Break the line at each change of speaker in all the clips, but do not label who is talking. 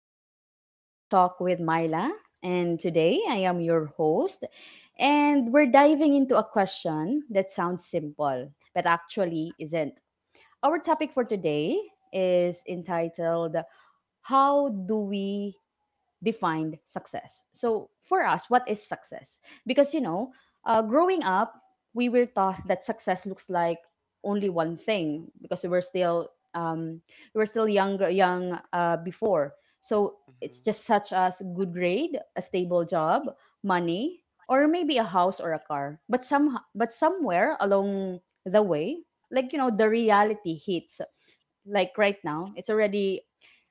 and welcome back to Life Talk with Myla. And today I am your host, and we're diving into a question that sounds simple, but actually isn't. Our topic for today is entitled How Do We defined success. So, for us, what is success? Because, you know, growing up, we were taught that success looks like only one thing because um, we were still younger young before. So it's
Mhm.
just such as good grade, a stable job, money, or maybe a house or a car. But somewhere along the way, like you know, the reality hits like right now it's already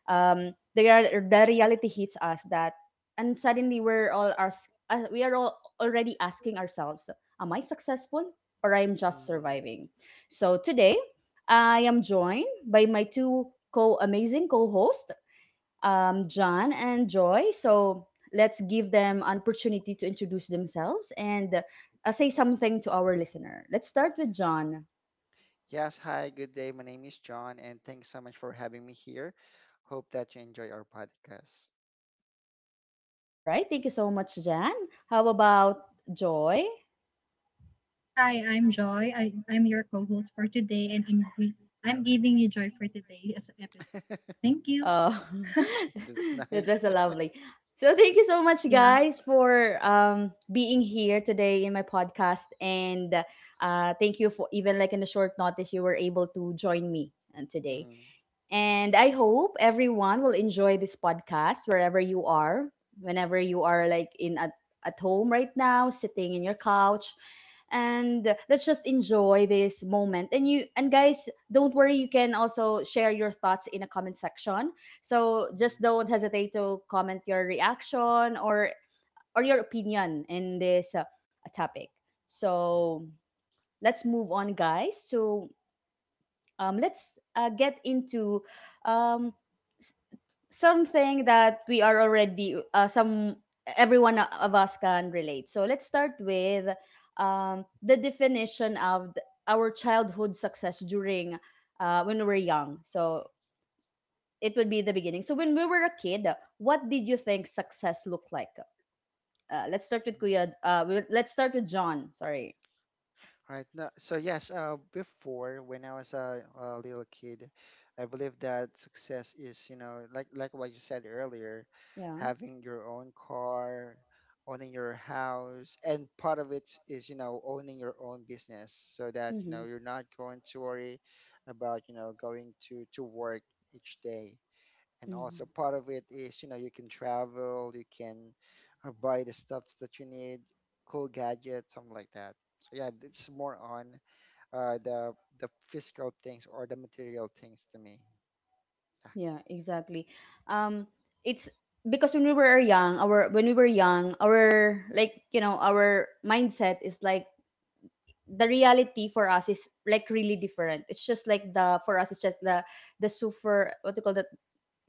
they are the reality hits us that and suddenly we are all already asking ourselves am I successful or I'm just
Mm.
surviving so today I am joined by my two co amazing co-hosts john and joy so let's give them an opportunity to introduce themselves and say something to our listener let's start with john
Yes, hi, good day. My name is John, and thanks so much for having me here. Hope that you enjoy our podcast.
all right thank you so much jan how about joy.
Hi, I'm Joy. I'm your co-host for today, and I'm giving you joy for today as an episode. Thank you.
Oh,
That's
that
nice.
was lovely. So thank you so much,
Yeah,
guys, for being here today in my podcast, and thank you for even like in a short notice you were able to join me today.
Mm,
And I hope everyone will enjoy this podcast wherever you are, whenever you are like at home right now, sitting in your couch. And let's just enjoy this moment. And you and guys, don't worry, you can also share your thoughts in a comment section. So just
mm,
don't hesitate to comment your reaction or your opinion in this topic.
mm,
So let's move on, guys. So let's get into um, something that we are already some everyone of us can relate so let's start with the definition of our childhood success during when we were young so it would be the beginning so when we were a kid what did you think success looked like let's start with
mm.
kuya let's start with john sorry.
Right. No, so yes, before when I was a little kid, I believe that success is, you know, like what you said earlier,
Yeah.
having your own car, owning your house, and part of it is, you know, owning your own business so that, you
Mm-hmm.
know, you're not going to worry about, you know, going to work each day, and also
Mm-hmm.
part of it is, you know, you can travel, you can buy the stuffs that you need, cool gadgets, something like that. So yeah, it's more on uh, the the physical things or the material things to me.
Yeah, exactly. Um, it's because when we were young, our like you know our mindset is like the reality for us is like really different. It's just like the for us it's just the super what do you call that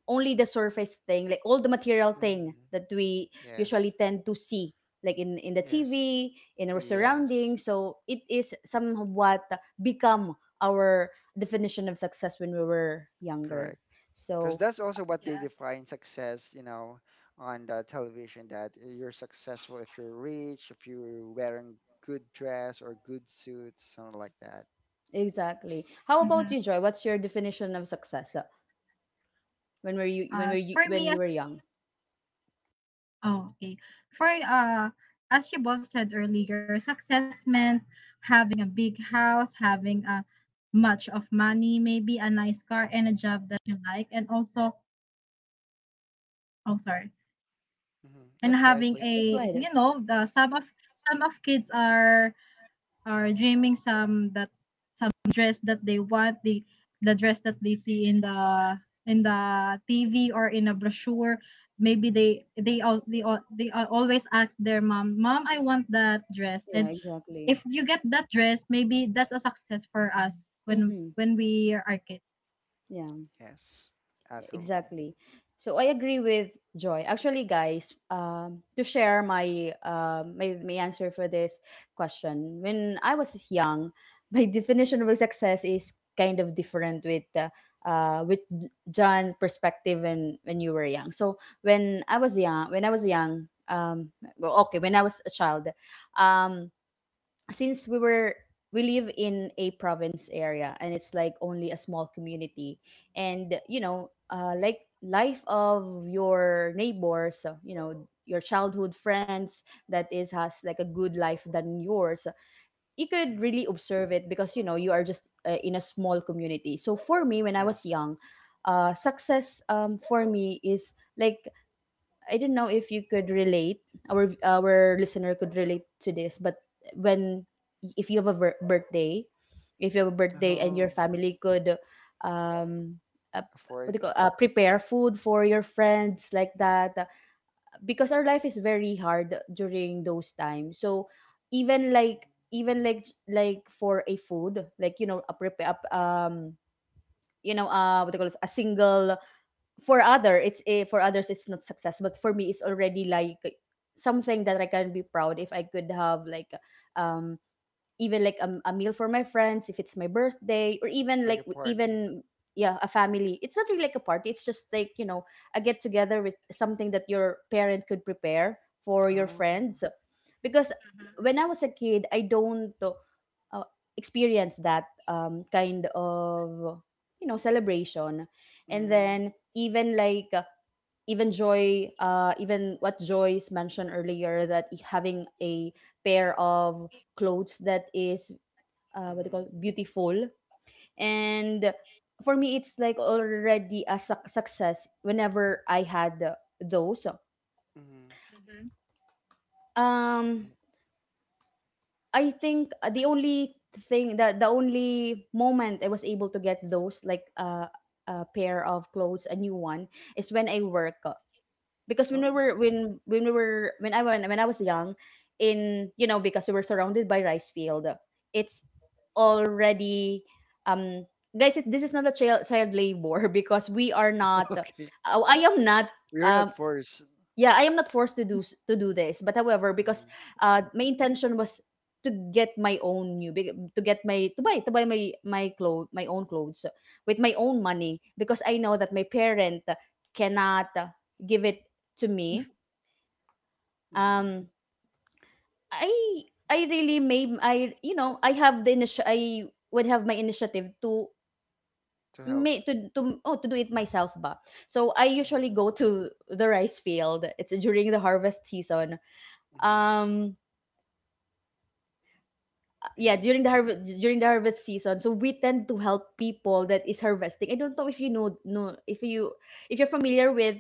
only the surface thing, like all the material thing
Mm-hmm.
that we usually
Yes.
tend to see like in the TV
Yes.
in our
Yes.
surroundings. So it is somewhat become our definition of success when we were younger.
Correct. Because
So
that's also what they
yeah.
define success, you know, on the television, that you're successful if you're rich, if you're wearing good dress or good suits, something like that.
exactly. How
Hmm.
about you, Joy? What's your definition of success when were you
For
when
me.
you were young?
Oh, okay. For As you both said earlier, success meant having a big house, having a much of money, maybe a nice car and a job that you like, and also, oh, sorry,
Hmm,
and
yes, go ahead
having
please.
Let's go
a
ahead.
the some of kids are or dreaming some that some dress that they want the dress that they see in the TV or in a brochure, maybe they all always ask their mom, mom, I want that dress.
Yeah,
And
exactly.
if you get that dress, maybe that's a success for us when
Mm-hmm.
when
Mm,
we are kids.
Yeah.
yes,
Yeah,
absolutely.
exactly. So I agree with Joy. Actually, guys, to share my answer for this question, when I was young, my definition of success is kind of different with John's perspective when you were young. So when I was young, okay, when I was a child, um, since we live in a province area and it's like only a small community and you know like life of your neighbors you know your childhood friends that is has like a good life than yours you could
Mm,
really observe it because you know you are just in a small community so for me when I was
yes.
young success for me is like I don't know if you could relate. Our listener could relate to this, but when if you have a birthday, if you have a birthday and your
Oh,
family could, um, uh, what
afford.
do you call, prepare food for your
Mm,
friends like that, because our life is very hard during those times. So
mm,
even like for a food, like you know a prepare you know what do you call this, a single for others it's not success but for me it's already like something that I can be proud if I could have like um even like a meal for my friends if it's my birthday or even
like
like
a party.
even yeah a family it's not really like a party it's just like you know a get together with something that your parent could prepare for your
Oh,
friends because when I was a kid I don't uh, experience that kind of you know celebration and
mm,
then even like even what joyce mentioned earlier that having a pair of clothes that is what they
mm,
call beautiful and for me it's like already a success whenever I had those.
mm.
um I think the only moment I was able to get those like a pair of clothes, a new one, is when I work. Because when we
Oh,
were when I was young, in you know because we were surrounded by rice field, it's already um guys. It, this is not a child labor because we are not.
okay.
I am not.
We are not
Um,
forced.
yeah, I am not forced to do to do this, but however, because
Mm,
my intention was to get my own to get my to buy my own clothes with my own money because I know that my parent cannot give it to me.
mm,
Um, I I really made I you know I have the I would have my initiative to
to help.
me to do it myself ba. So I usually
Mm,
go to the rice field. It's during the harvest season.
mm,
Um yeah
mm,
during the harvest season so we tend to help people that is harvesting I don't know if you if you're familiar with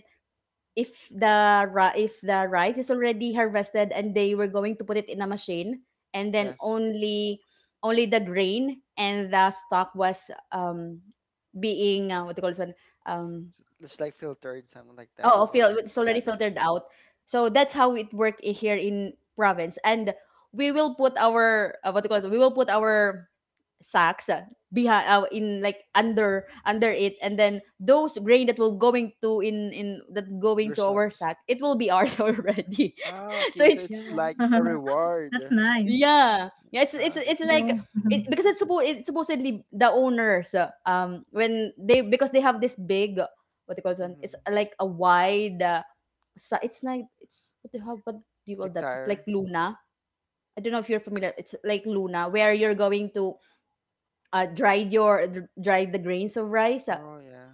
if the if the rice is already harvested and they were going to put it in a machine and then
yes.
only the grain and the stock was being what do you call this one. um
So it's like filtered, something like that,
Oh,
or
it's already
gather.
filtered out. So that's how it work here in province. And we will put our what do you call it? We will put our sacks behind in like under it, and then those grain that will going to in that going
Your
to our
socks.
sack, it will be ours already.
Ah,
So
okay. So
it's
it's
Mm-hmm.
like
Yeah.
a
That's
reward.
nice.
yeah, yeah.
Ah,
It's
that's
like
Yeah.
nice.
it, because it's supposedly the owners when they because they have this big what do you call it? It's
Mm-hmm.
like a wide. So it's like it's what do you call that? It's like
Hectare.
Luna. I don't know if you're familiar. It's like Luna, where you're going to dry the grains of rice. So,
Oh yeah.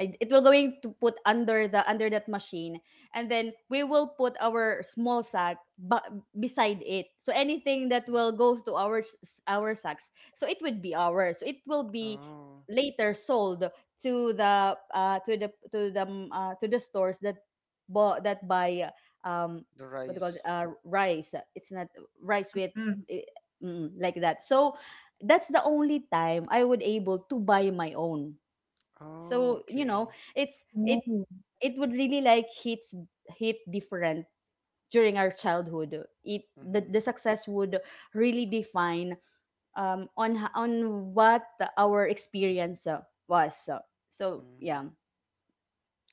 it will going to put under the under that machine and then we will put our small sack beside it so anything that
Mm.
will goes to our sacks so it would be ours so it will be
Oh,
later sold to the to the to the stores that bought that buy um
the
what do you call it
rice.
rice it's not rice with
Mm-hmm.
eh, like that so that's the only time I would able to buy my own
Oh,
so you know
okay.
it's it
Oh,
it would really like hit different during our childhood
Mm-hmm.
the success would really define on on what our experience was so
Mm-hmm.
yeah.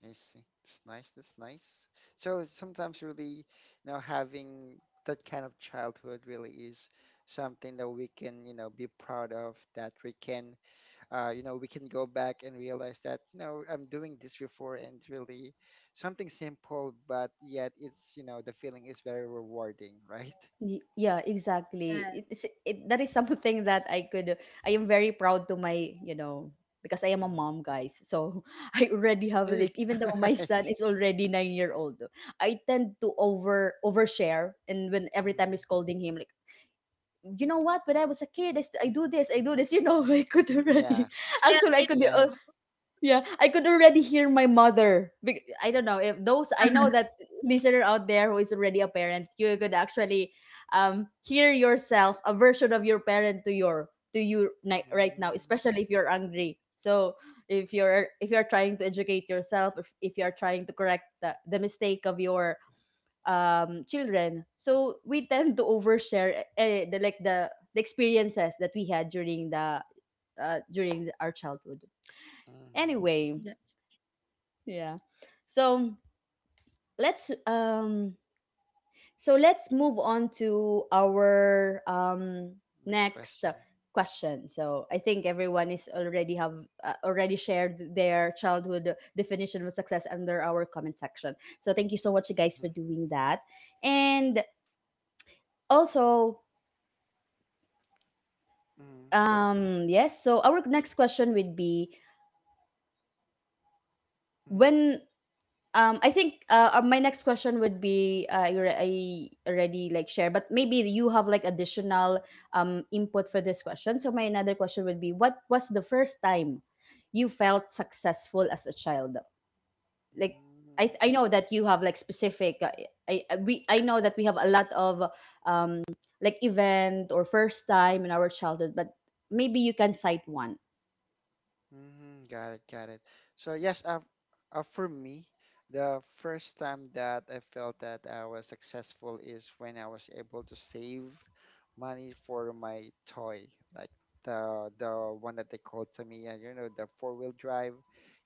I see. It's nice. That's nice. So it's sometimes really, you know, having that kind of childhood really is something that we can, you know, be proud of, that we can go back and realize that, you know, I'm doing this before, and really something simple, but yet it's, you know, the feeling is very rewarding, right?
Yeah
yeah.
exactly that is something that I could I am very proud to my you know because I am a
Mm-hmm.
mom guys so I already have this even though my
I
son
see.
is already 9 year old I tend to overshare and when every time
Mm-hmm.
I'm scolding him like you know what when I was a kid I do this you know I could
Yeah.
already
Yeah,
actually I
me
could.
Yes.
too.
Yeah, I could already hear my mother. I don't know if those I know that listener out there who is already a parent, you could actually hear yourself a version of your parent to your to right now,
Mm-hmm.
especially if you're angry. So if you're trying to educate yourself, if you're trying to correct the mistake of your children, so we tend to overshare the like the experiences that we had during the during our childhood. Anyway,
Yes.
yeah. So let's let's move on to our
Next
next
question.
question. So I think everyone is already have already shared their childhood definition of success under our comment section. So thank you so much you guys
Mm-hmm.
for doing that. And also
Mm-hmm.
yes, so our next question would be when I think my next question would be I already like share, but maybe you have like additional input for this question. So my another question would be, what was the first time you felt successful as a child? Like
Mm-hmm.
I know that you have like specific, I- we I know that we have a lot of um like event or first time in our childhood, but maybe you can cite one.
Hmm, got it, got it. So yes, for me, the first time that I felt that I was successful is when I was able to save money for my toy, like the one that they called Tamiya, you know, the four-wheel drive.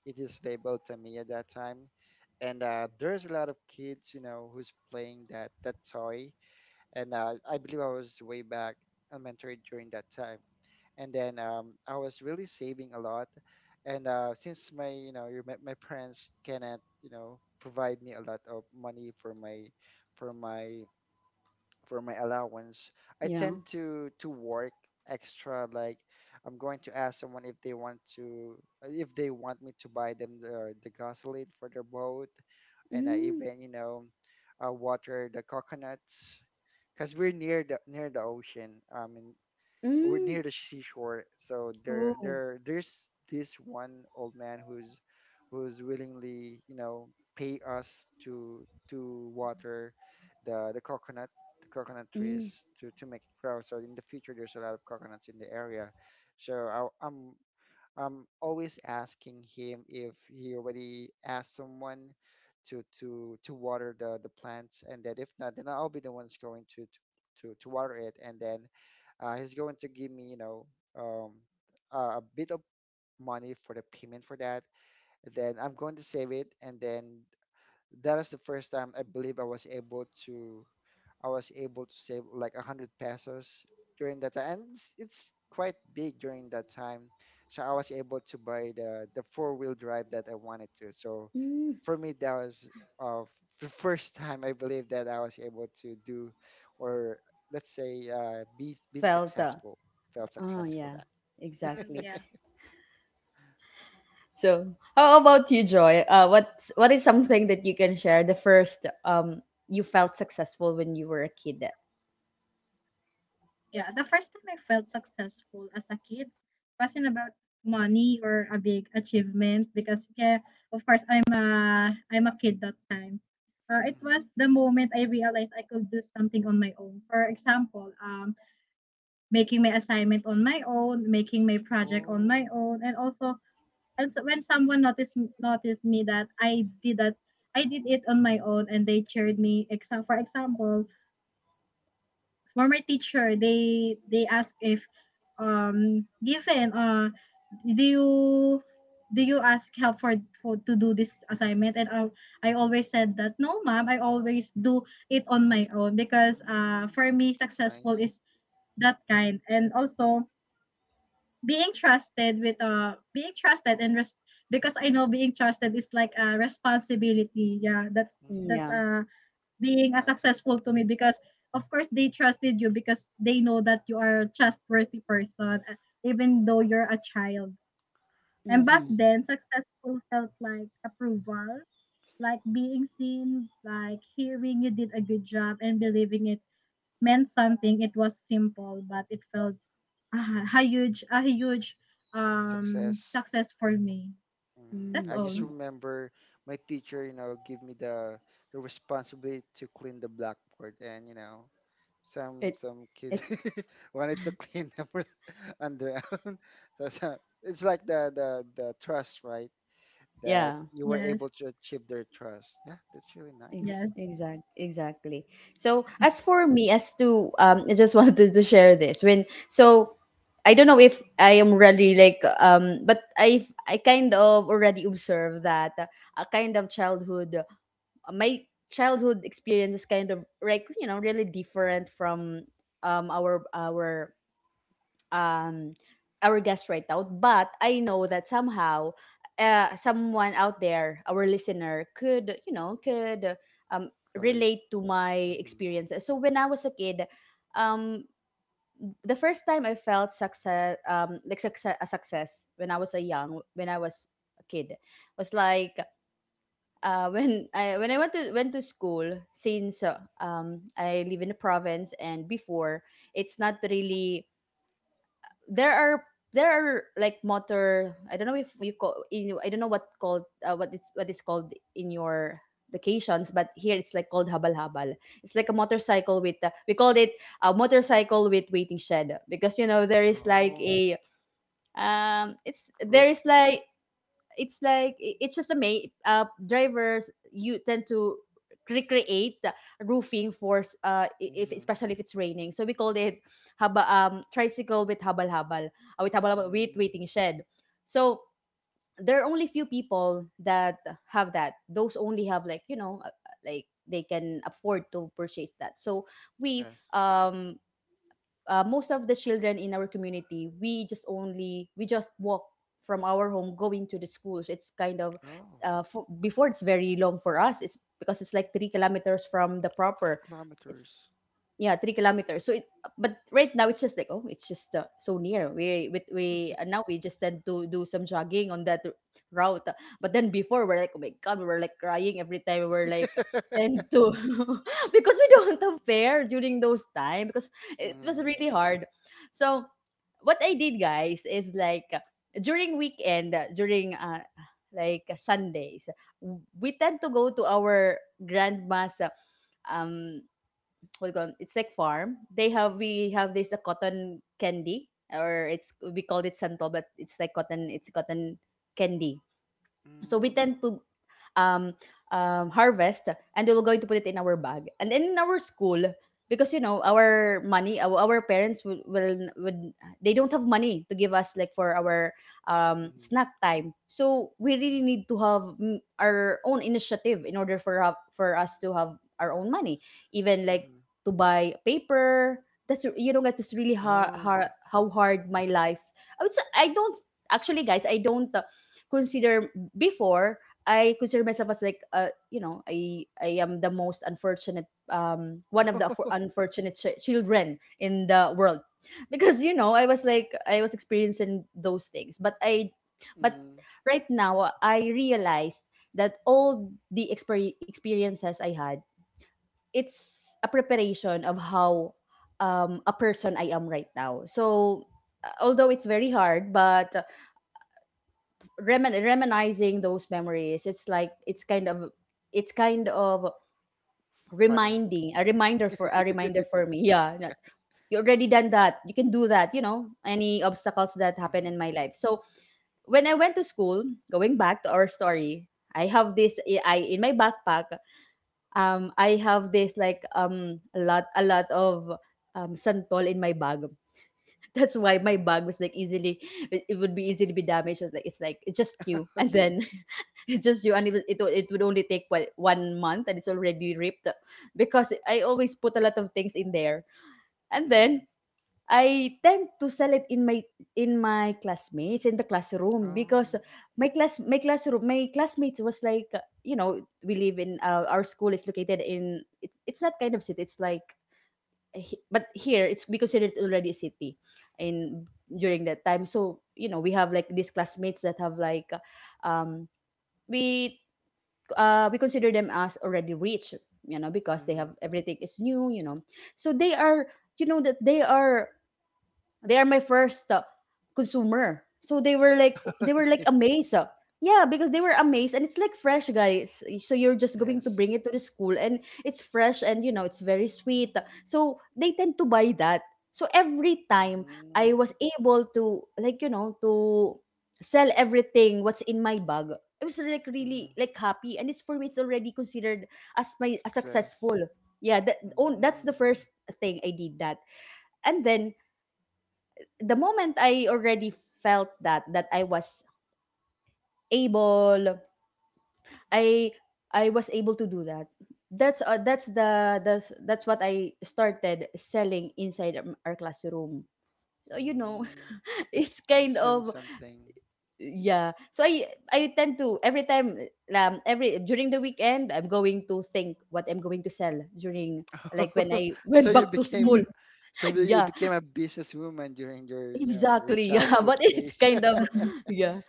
It is labeled Tamiya that time. And there's a lot of kids, you know, who's playing that toy. And I believe I was way back elementary during that time, and then I was really saving a lot. And since my parents cannot, you know, provide me a lot of money for my for my for my allowance, I
yeah
tend to work extra. Like, I'm going to ask someone if they want me to buy them the gasoline for their boat, and I
mm,
even, water the coconuts because we're near the ocean. I mean, we're
mm,
near the seashore, so there
oh,
there there's this one old man who's willingly, pay us to water the the coconut the coconut
mm,
trees to make it grow, so in the future there's a lot of coconuts in the area. So I'm always asking him if he already asked someone to, water the plants, and then if not, then I'll be the ones going to water it, and then he's going to give me, you know, um, a bit of money for the payment for that. Then I'm going to save it, and then that is the first time I believe I was able to save like 100 pesos during that time, and it's quite big during that time. So I was able to buy the four-wheel drive that I wanted to. So
mm.
for me, that was, uh, the first time I believe that I was able to do, or let's say, be been
felt
successful, felt
Oh
successful
yeah,
that.
exactly.
Mm, yeah.
So how about you, Joy? What is something that you can share? The first you felt successful when you were a kid.
Yeah, the first time I felt successful as a kid wasn't about money or a big achievement because yeah, of course I'm a kid that time. It
Hmm.
was the moment I realized I could do something on my own. For example, making my assignment on my own, making my project on my
Oh,
own, and also and so when someone noticed me that I did that, I did it on my own, and they cheered me. Except for example, former teacher, they ask if, given, do you do you ask help for, to do this assignment, and I always said that, no ma'am, I always do it on my own because
mm,
for me
that's
successful
nice.
is that kind, and also being trusted with being trusted and because I know being trusted is like a responsibility. Yeah, that's
Mm,
that's
Hmm.
yeah.
uh
That's
being a
nice.
successful to me because of course they trusted you because they know that you are a trustworthy person, even though
Mm,
you're a child. And
I
back
Mm-hmm.
see.
then successful felt like approval, like being seen, like hearing you did a good job and believing it meant something. It was simple, but it felt ah, a huge, a huge
Success.
success for me.
Mm,
Mm-hmm.
That's
I just
all.
mm,
remember my teacher, you know, give me the responsibility to clean the blackboard, and you know, some
It
some kids
it
wanted to clean them on their own. So, it's like the trust, right? That
yeah.
you were
Yes.
able to achieve their trust. Yeah, that's really nice.
Yes.
Exactly. So as for me, as to I just wanted to share this when so. I don't know if I am really like, but I kind of already observed that a kind of childhood my childhood experience is kind of like, you know, really different from um our our um our guest right now, but I know that somehow someone out there, our listener, could you know could um
Relate.
relate to my
Hmm.
experiences. So when I was a kid, um the first time I felt success like success a success when I was a kid was like, when I went to school, since I live in the province, and before, it's not really, there are there are like motor, I don't know if you call in, I don't know what called, what is called in your locations, but here it's like called habal habal. It's like a motorcycle with, we called it a motorcycle with waiting shed, because you know there is like
Oh,
a it's there
roof.
is like, it's like, it's just the main, drivers, you tend to recreate the roofing for if
Mm-hmm.
especially if it's raining, so we called it haba tricycle with habal habal, with
Mm-hmm.
waiting shed. So there are only few people that have that, those only have like, you know, like they can afford to purchase that. So we
Yes.
most of the children in our community, we just walk from our home going to the school. So it's kind of
Oh,
before, it's very long for us, it's because it's like three kilometers from the proper, it's
kilometers.
yeah, three kilometers. But right now it's just like, oh, it's just so near. We now we just tend to do some jogging on that route. But then before, we're like, oh my god, we were like crying every time, we were like tend to because we don't have fare during those time, because it was
Mm-hmm.
really hard. So what I did, guys, is like, during weekend, during like Sundays, we tend to go to our grandma's, um what you call 'em, it's like farm. They have We have this a cotton candy, or it's we called it santol, but it's like cotton. It's cotton candy. So we
Mm-hmm.
tend to um, harvest, and we were going to put it in our bag. And then in our school, because you know our money, our parents would, they don't have money to give us like for our snack time. So we really need to have, mm, our own initiative in order for for us to have our own money, even like
Mhm.
to buy paper. That's, you know, like, that's really hard,
Oh,
how
yes.
hard my life. I would say, I don't actually, guys, I don't consider before, I consider myself as like, you know, I am the most unfortunate, one of the unfortunate children in the world, because you know I was like I was experiencing those things, but
Mhm.
right now I realized that all the experiences I had, it's a preparation of how a person I am right now. So although it's very hard, but reminiscing those memories, it's like it's kind of, it's kind of
Funny.
reminding a reminder, for a reminder for me, yeah, that you already done that, you can do that, you know, any obstacles that happen in
Mhm.
my life. So when I went to school, going back to our story, I have this, in my backpack, I have this like, a lot of santol in my bag. That's why my
Mhm.
bag was like easily, it would be easy to be damaged. It's just new, and
Okay.
then it's just new, and it would only take what, one month, and it's already ripped, because I always put a lot of things in there, and
Mhm.
then I tend to sell it in my, in my classmates in the classroom, because
Oh.
my classmates was like, you know, we live in, our school is located in it, it's not kind of city, it's like but here it's be considered already a city in during that time. So you know we have like these classmates that have like um we we consider them as already rich, you know, because they have
Mhm.
everything is new, you know. So they are, you know, that they are my first, consumer. So they were like,
Okay.
amazed. Yeah, because they were amazed, and it's like fresh, guys. So you're just going to
Yes.
bring it to the school and it's fresh, and you know it's very sweet. So they tend to buy that. So every time I
Mhm.
was able to, like, you know, to sell everything what's in my bag, I was like
Mhm.
really like happy, and it's, for me it's already considered as my, as
Success.
successful. Yeah, that, oh, that's
Mhm.
the first thing I did that. And then the moment I already felt that I was able, I I was able to do that, that's the that's what I started selling inside, our classroom, so you know,
Mm,
it's kind
it's really
of,
something.
yeah, so I tend to every time, every during the weekend, I'm going to think what I'm going to sell during, like when I
So
went
you
back to
became,
school.
so you
Yeah,
became a businesswoman during your, you know, your
exactly. Yeah,
childhood
but it's
days.
kind of yeah.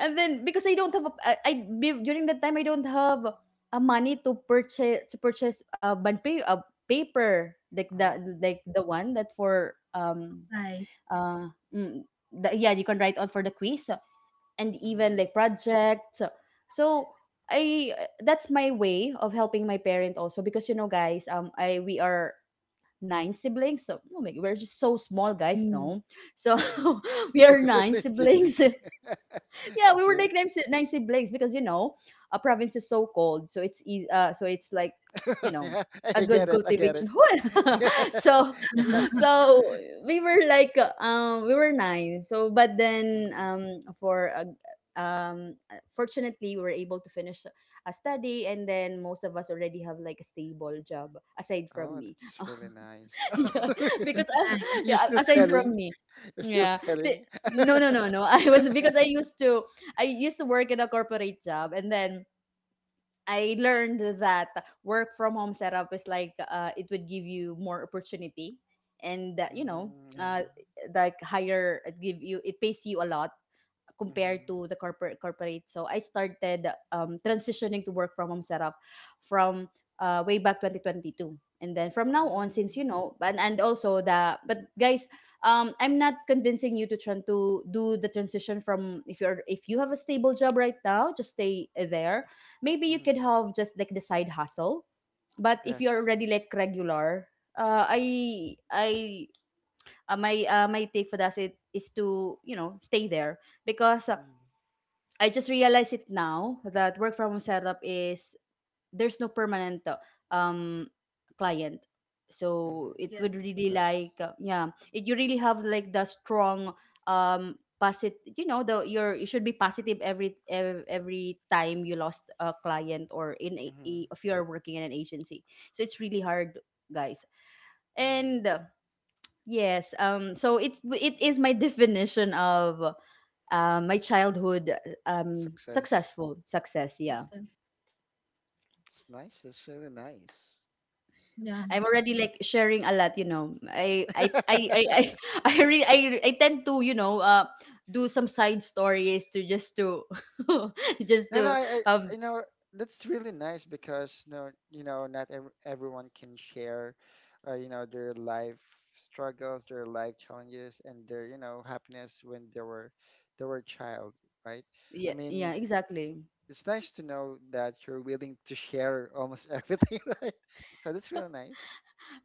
And then because I don't have a, I during that time I don't have a money to purchase, to purchase but pay a paper,
Oh.
like the one that for
Right.
mm, the, yeah, you can write on for the quiz and even
Mm-hmm.
like projects. So I that's my way of helping my parent, also because you know, guys, I we are nine siblings. So oh my, we're just so small, guys.
Mm.
No, so we
Mm-hmm.
are nine siblings.
Siblings.
Yeah, we were
Okay.
nicknamed nine siblings, because you know a province is so cold, so it's easy. So it's like you know
Yeah,
a
I
good
get it. I get it.
cultivation. hood.
Yeah,
So
yeah.
so we were like, we were nine. So but then
Mhm.
for a fortunately we were able to finish a study, and then most of us already have like a stable job, aside from
Oh,
me.
that's really nice.
Yeah,
Wow,
because
that's nice.
You're
yeah,
still
aside
selling?
from me,
You're still
yeah,
selling?
no, no, no, no. I was, because I used to work in a corporate job, and then I learned that work from home setup is like, it would give you more opportunity, and you know,
Mm, yeah.
like higher, it pays you a lot,
Mm-hmm.
compared to the corporate. So I started, transitioning to work from home setup from, way back 2022. And then from now on, since
Mm,
you know, and also the, but guys, I'm not convincing you to try to do the transition from, if you're, if you have a stable job right now, just stay there. Maybe you could
mm.
have just like the side hustle. But if you're
Yes.
already like regular, I my my take for that is to, you know, stay there, because
Mm,
I just realize it now that work from home setup is, there's no permanent, um client. So
mm-hmm.
it would
Yes,
really
Yes.
like yeah, it, you really have like the strong positive the your you should be positive every time you lost a client or in
Mm-hmm.
if you are working in an agency. So it's really hard, guys.
Mm-hmm.
And yes. So it is my definition of my childhood
Success.
successful success. Yeah.
Mm.
success.
It's nice. That's really nice.
I'm
Yes,
already like sharing a lot. You know, I I tend to do some side stories to just to just
No, no,
to
I
um
know that's really nice because no, not ev- everyone can share, their life struggles, their life challenges, and their, happiness when they were a child, right? I
yeah, yeah,
mean,
exactly.
it's nice to know that you're willing to share almost everything, right? So that's really nice.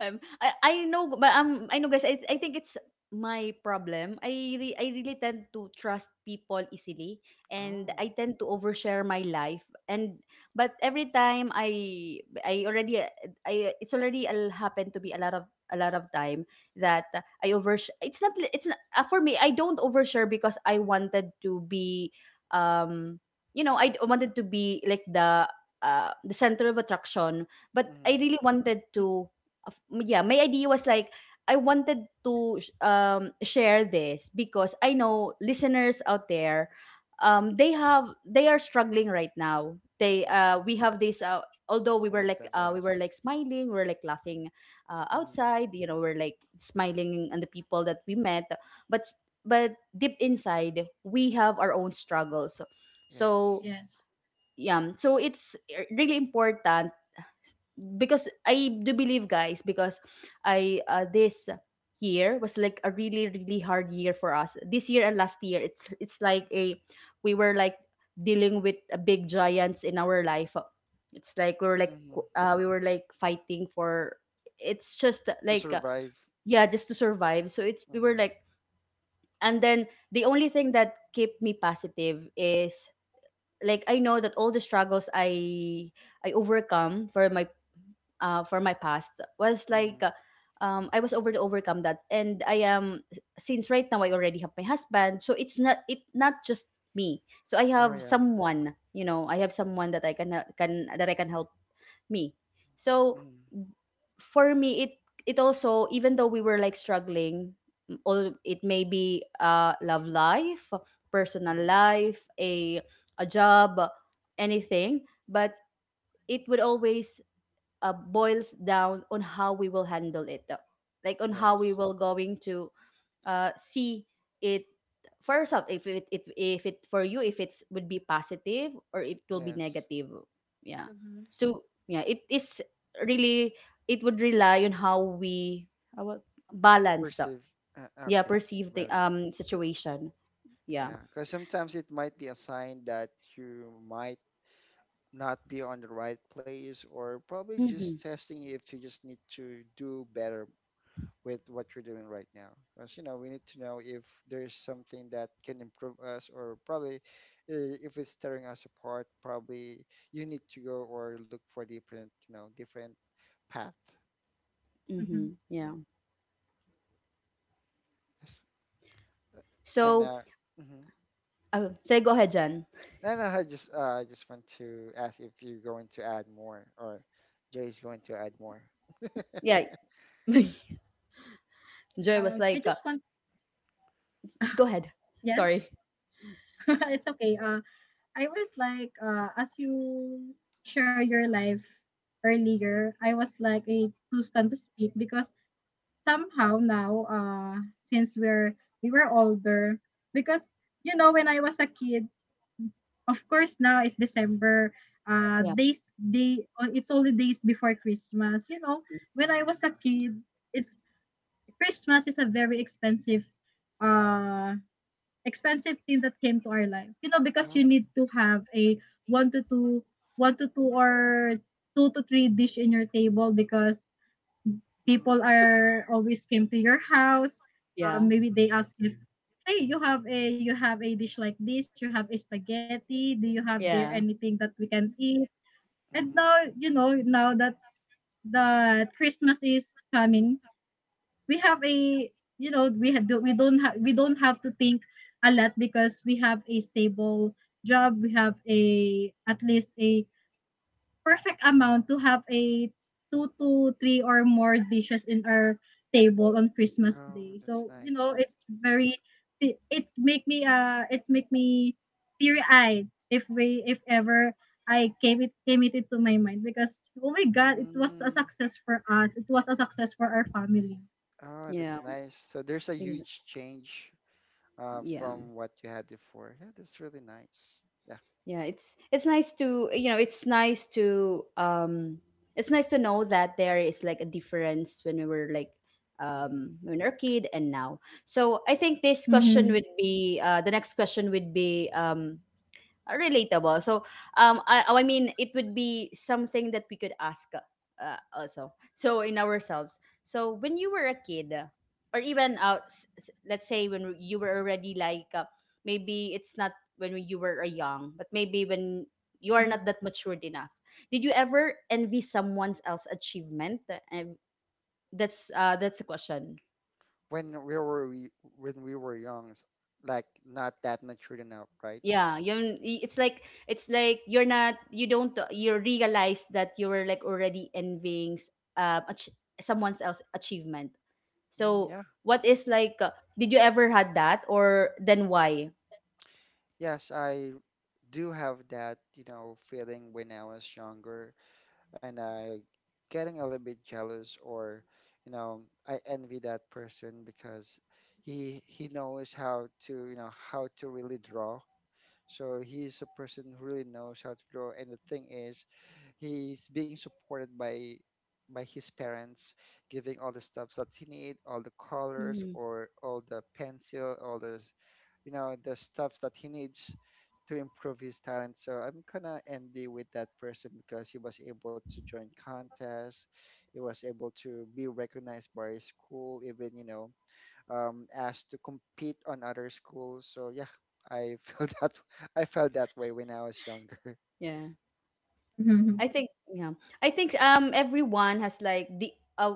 I know, but I know, guys. I think it's my problem. I really tend to trust people easily, and
Oh,
I tend to overshare my life. And but every time I already I it's already happened to be a lot of time that I oversh. It's not for me. I don't overshare because I wanted to be um I wanted to be like the center of attraction, but
mm-hmm,
I really wanted to of- yeah, my idea was like I wanted to share this because I know listeners out there they have they are struggling right now. They we
mm-hmm.
have this although
Some of them,
we were
yes.
like smiling, we were like laughing
Mm-hmm,
outside, you know, we're like smiling on the people that we met, but but deep inside we have our own struggles.
yes.
So
yes.
yeah, so it's really important because I do believe, guys, because I this year was like a really really hard year for us. This year and last year, it's like a we were like dealing with a big giants in our life. It's like we were like
Mm-hmm.
we were like fighting for. It's just
To
like
survive.
yeah, just to survive. So it's we were
Mm-hmm,
like, and then the only thing that kept me positive is like I know that all the struggles I overcome for my past was like
mm-hmm.
I was able to overcome that, and I am since right now I already have my husband, so it's not it not just me. So I
Oh
have
yeah.
someone, you know, I have someone that I can that I can help me. So
Mm-hmm.
for me, it also even though we were like struggling, all it may be love life, personal
Hmm.
life, a job, anything, but it would always boils down on how we will handle it though. Like on how we
Yes,
will going to see it for yourself if it if it for you if it's would be positive or it will be
yes.
negative. Yeah,
Mm-hmm.
so yeah it is really it would rely on how we how balance
Perceive.
yeah
Okay,
perceive the
balance.
situation. Yeah.
Yeah, because sometimes it might be a sign that you might not be on the right place, or probably just
Mm-hmm,
testing you if you just need to do better with what you're doing right now. Because you know, we need to know if there's something that can improve us, or probably, if it's tearing us apart. Probably you need to go or look for different, you know, different path.
Mm-hmm.
mm-hmm, yeah.
Yes, and
So
uh. Mhm.
say go ahead, Jan.
No, no, I just want to ask if you're going to add more, or Jay's going to add more.
Yeah. Joy was
I
like
just want.
go ahead,
Yes.
sorry.
It's okay. I was like, as you share your life earlier, I was like a too stunned to speak because somehow now, since we were older, because you know when I was a kid. Of course, now it's December.
Yeah,
Oh, it's only days before Christmas. You know, when I
Mm-hmm.
was a kid, it's Christmas is a very uh, expensive thing that came to our life. You know, because you
Oh.
need to have a one to two, one to two or two to three dish in your table because people
Mm-hmm.
are always came to your house.
yeah,
Maybe
Mm-hmm.
they ask if, hey, you have a, you have a dish like this. You have a spaghetti. Do you have there
yeah,
anything that we can eat? And
Mm-hmm.
now you know now that the Christmas is coming, we have a you know we had we don't have to think a lot because we have a stable job. We have a at least a perfect amount to have a two to three or more dishes in our table on Christmas
Oh,
Day.
that's
So you know,
nice.
it's make me teary eyed if ever I came it into my mind because oh my god, it was a
Mm,
success for us. It was a success for our family.
oh,
yeah.
that's nice. So there's a
Ex-
huge change,
yeah,
from what you had before. Yeah, that's really nice. Yeah.
yeah. It's nice to you know. It's nice to. It's nice to know that there is like a difference when we were like
Mm-hmm.
when we were a kid and now. So I think this question
Mm-hmm.
would be the next question would be relatable. So, oh, I mean, it would be something that we could ask also. So, in ourselves. So, when you were a kid, or even let's say when you were already like, maybe it's not when you were a young, but maybe when you are not that matured enough. Did you ever envy someone else's achievement? And that's a question.
When we were we when we were young, like not that matured enough, right?
Yeah, you it's like you're not you don't you realize that you were like already envying um ach- someone else achievement,
Mm,
so
yeah.
what is like did you ever had that or then why.
Yes, I do have that, you know, feeling when I was younger, and I getting a little bit jealous, or, you know, I envy that person because he knows how to, you know, how to really draw. So he's a person who really knows how to draw. And the thing is, he's being supported by his parents, giving all the stuff that he need, all the colors,
Mm,
or all the pencil, all the you know the stuff that he needs to improve his talent. So I'm gonna envy with that person because he was able to join contests, he was able to be recognized by his school, even, asked to compete on other schools. So yeah, I felt that I felt that way when I was younger.
yeah,
Mm-hmm.
I think everyone has like the uh,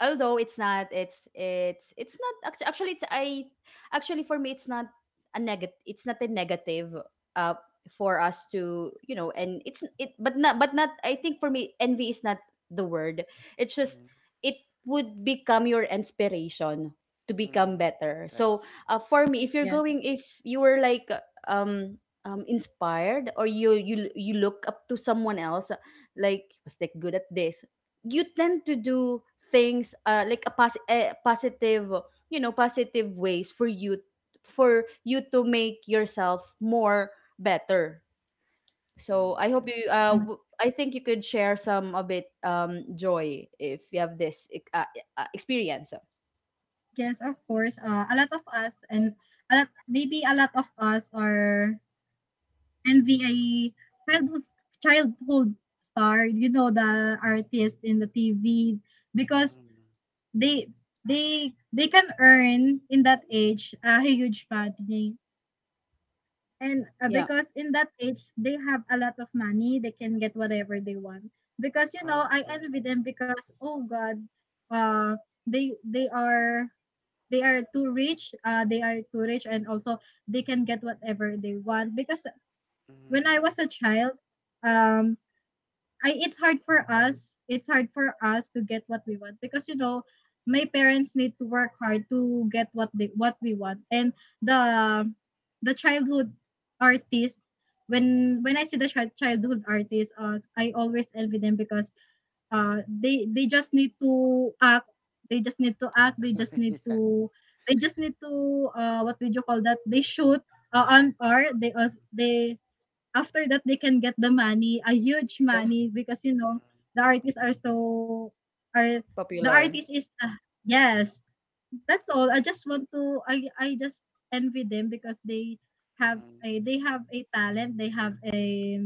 although it's not it's not actually it's I actually for me it's not a negative it's not a negative uh for us to you know, and it's it but not I think for me envy is not the word, it's just it would become your inspiration to become
Mm,
better. So
yes.
for me if you're
Yes.
going if you were like um inspired or you look up to someone else like was like good at this, you tend to do things like a positive you know positive ways for you to make yourself more better. So
Mm,
I hope you
yes.
I think you could share some a bit joy if you have this experience.
Yes, of course. A lot of us and a lot, maybe a lot of us are
Mm,
NVIE, childhood childhood star, you know the artist in the TV because
mm.
they they can earn in that age a huge money. And
Yeah.
because in that age they have a lot of money, they can get whatever they want. Because you know,
Oh,
I
yeah.
envy them because oh god, uh they they are they are too rich, they are too rich, and also they can get whatever they want because when
Mm,
I was a child, um, I it's hard for us. It's hard for us to get what we want because you know my parents need to work hard to get what they, what we want. And the the childhood artist, when I see the childhood artists, I always envy them because they just need to act. They just need to act. They just need
yeah.
to they just need to what did you call that? They shoot, on art. They
Mm,
also they after that they can get the money, a huge
Yeah.
money because you
mm,
know the artists are so are the
Popular.
artist is, yes. That's all. I just envy them because they have
mm,
a they have a talent,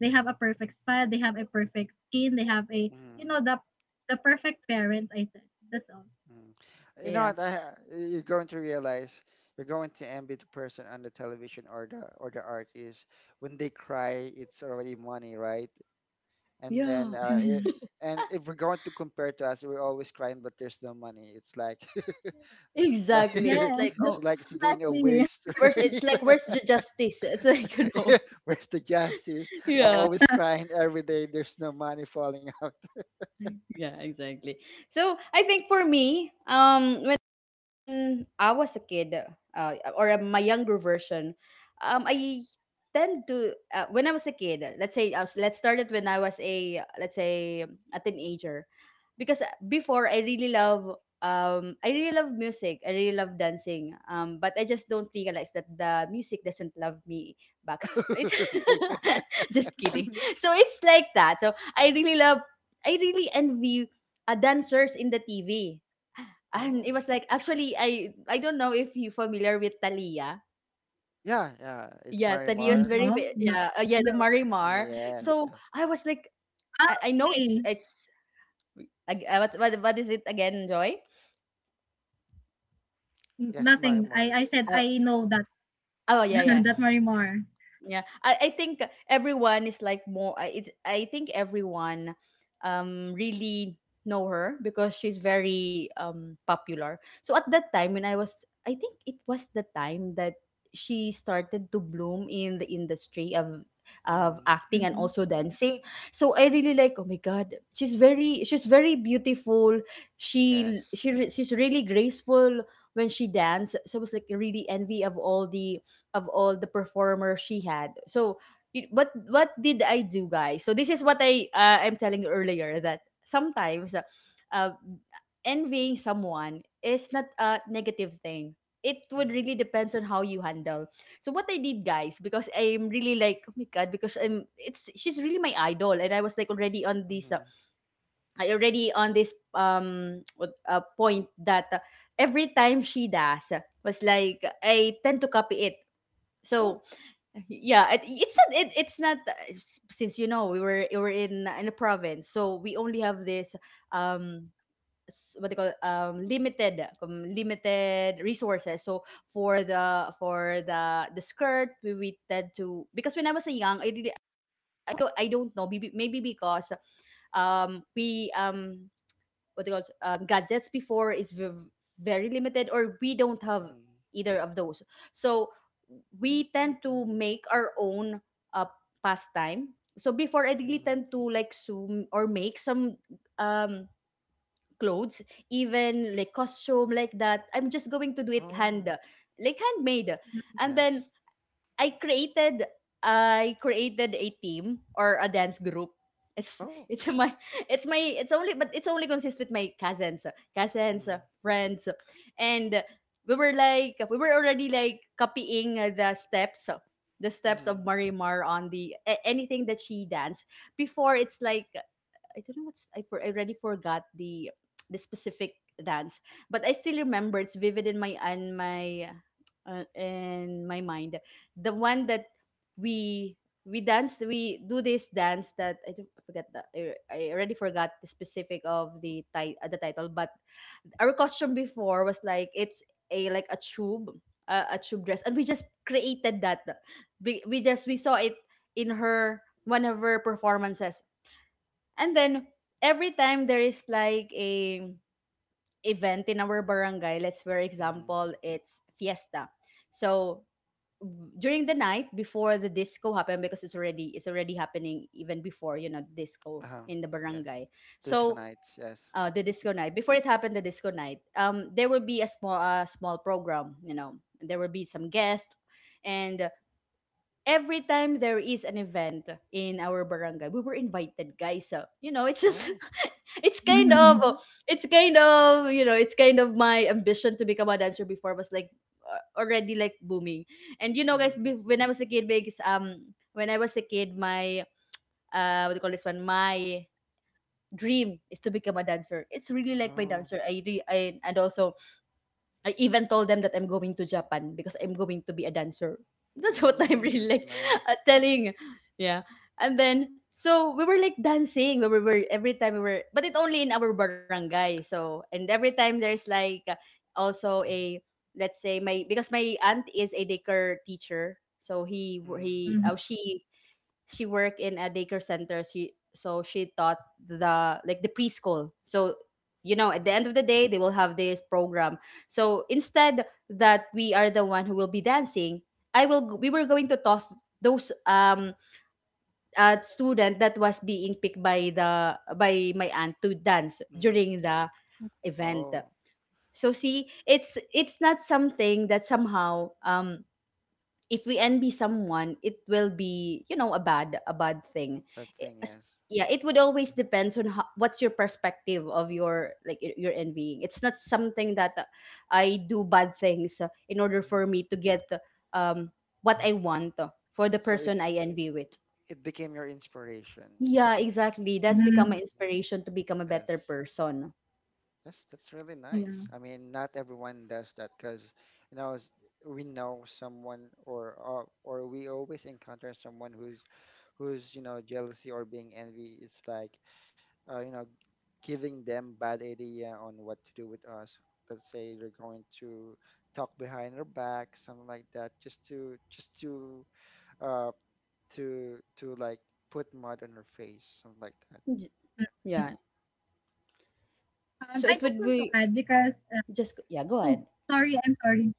they have a perfect smile, they have a perfect skin, they have a you
mm,
know the the perfect parents, I said. That's all.
mm. You know
Yeah,
what? You're going to realize, you're going to envy the person on the television or the artist when they cry. It's already money, right? And then,
yeah.
Mhm.
and if we're going to compare to us, we're always crying, but there's no money. It's like, like
Exactly. It's
Yes,
like
that's
it's
oh,
like it's being a
exactly.
waste.
where's it's like where's the justice? It's like you know,
Where's the justice? I'm
yeah,
always crying every day. There's no money falling out.
yeah, exactly. So I think for me, when I was a kid, uh, or my younger version, I tend to when I was a kid. Let's say I was, let's start it when I was a let's say a teenager, because before I really love music. I really love dancing. But I just don't realize that the music doesn't love me back. It's just kidding. So it's like that. So I really love. I really envy dancers in the TV, and
Oh,
it was like actually I don't know if you familiar with Talia.
yeah, yeah. It's
Yeah, Talia is
Marimar.
very
No, no,
yeah the
no.
Marimar.
Yes,
So
yes,
I was like
Ah,
I know
okay.
it's what is it again, Joy?
N
yes,
nothing. I
Marimar.
I said
Uh,
I know that
oh yeah yeah
Yes.
that Marimar.
yeah I think everyone is like more it's I think everyone really know her because she's very popular. So at that time when I was I think it was the time that she started to bloom in the industry of
Mm,
acting and also
Mhm.
dancing. So I really like oh my god, she's very beautiful,
yes.
she's really graceful when she dance. So I was like really envy of all the performers she had. So what did I do, guys? So this is what I I'm telling you earlier that sometimes uh, envying someone is not a negative thing. It would
Mm,
really depends on how you handle. So what I did, guys, because I'm really like oh my god, because I'm it's she's really my idol, and I was like already on this,
mm.
I already on this point that every time she does was like I tend to copy it. So
Oh.
yeah it's not it's not since you know we were in a province, so we only have this um what they call it, limited limited resources. So for the skirt, we tend to because when I was a young I did I don't have I don't know maybe maybe because we what they call gadgets before is very limited, or we don't have
Mm,
either of those. So we tend to make our own uh, pastime. So before I really
mm.
tend to like sew or make some um clothes, even like costume like that I'm just going to do it hand,
Oh.
like handmade. And then
Yes.
I created I created a team or a dance group. It's
Oh.
it's my it's my it's only but it's only consists with my cousins, cousins,
Mm,
friends, and we were like we were already like copying the steps of
mm,
Marimar on the anything that she danced before. It's like I don't know what's I for I already forgot the specific dance, but I still remember it's vivid in my in my in my mind. The one that we we dance we do this dance that I don't I forget that I already forgot the specific of the the title, but our costume before was like it's a like a tube dress, and we just created that we just we saw it in her one of her performances. And then every time there is like a event in our barangay, let's for
mm.
example, it's fiesta. So during the night before the disco happened, because it's already happening even before you know disco
Oh.
in the
Yes.
barangay. So
Disconnects. Yes.
the disco night before it happened, the disco night there will be a small program you know there will be some guests. And every time there is an event in our barangay, we were invited, guys. So, you know, it's just
Oh.
it's kind of
Mhm.
it's kind of, you know, it's kind of my ambition to become a dancer before was like already like booming. And you know, guys,
Mm.
when I was a kid, because when I was a kid, my what do you call this one? My dream is to become a dancer. It's really like my
Oh.
dancer. I and also I even told them that I'm going to Japan because I'm going to be a dancer. That's what I'm
Mm,
really
that's
like
nice.
telling. Yeah. And then so we were like dancing. We were Every time we were but it only in our barangay. So and every time there's like also a let's say my because my aunt is a daycare teacher. So
Mm,
he
Mhm.
oh she worked in a daycare center. She so she taught the like the preschool. So you know, at the
mm,
end of the day, they will have this program. So instead that we are the one who will be dancing, I will. We were going to toss those student that was being picked by the by my aunt to dance
mm.
during the event.
Oh.
So see, it's not something that somehow if we envy someone it will be you know a bad thing.
That
I-
thing,
as-
yes.
yeah, it would always depends on how, what's your perspective of your like your envying. It's not something that I do bad things in order for me
Hmm.
to get um what I want for the
So
person
it
I envy with.
it became your inspiration.
Yeah, exactly, that's become my
Mhm.
Hmm.
inspiration to become a better
Yes.
person.
Yes, that's really nice.
Yeah.
I mean, not everyone does that because, you know, we know someone, or we always encounter someone who's, you know, jealousy or being envy. It's like, uh, you know, giving them bad idea on what to do with us. Let's say they're going to talk behind our back, something like that, just to just to uh, to to like put mud on her face, something like that.
J- yeah, so
I
it
just
would
want to
be
add because
just. Yeah, go
oh,
ahead.
sorry, I'm sorry.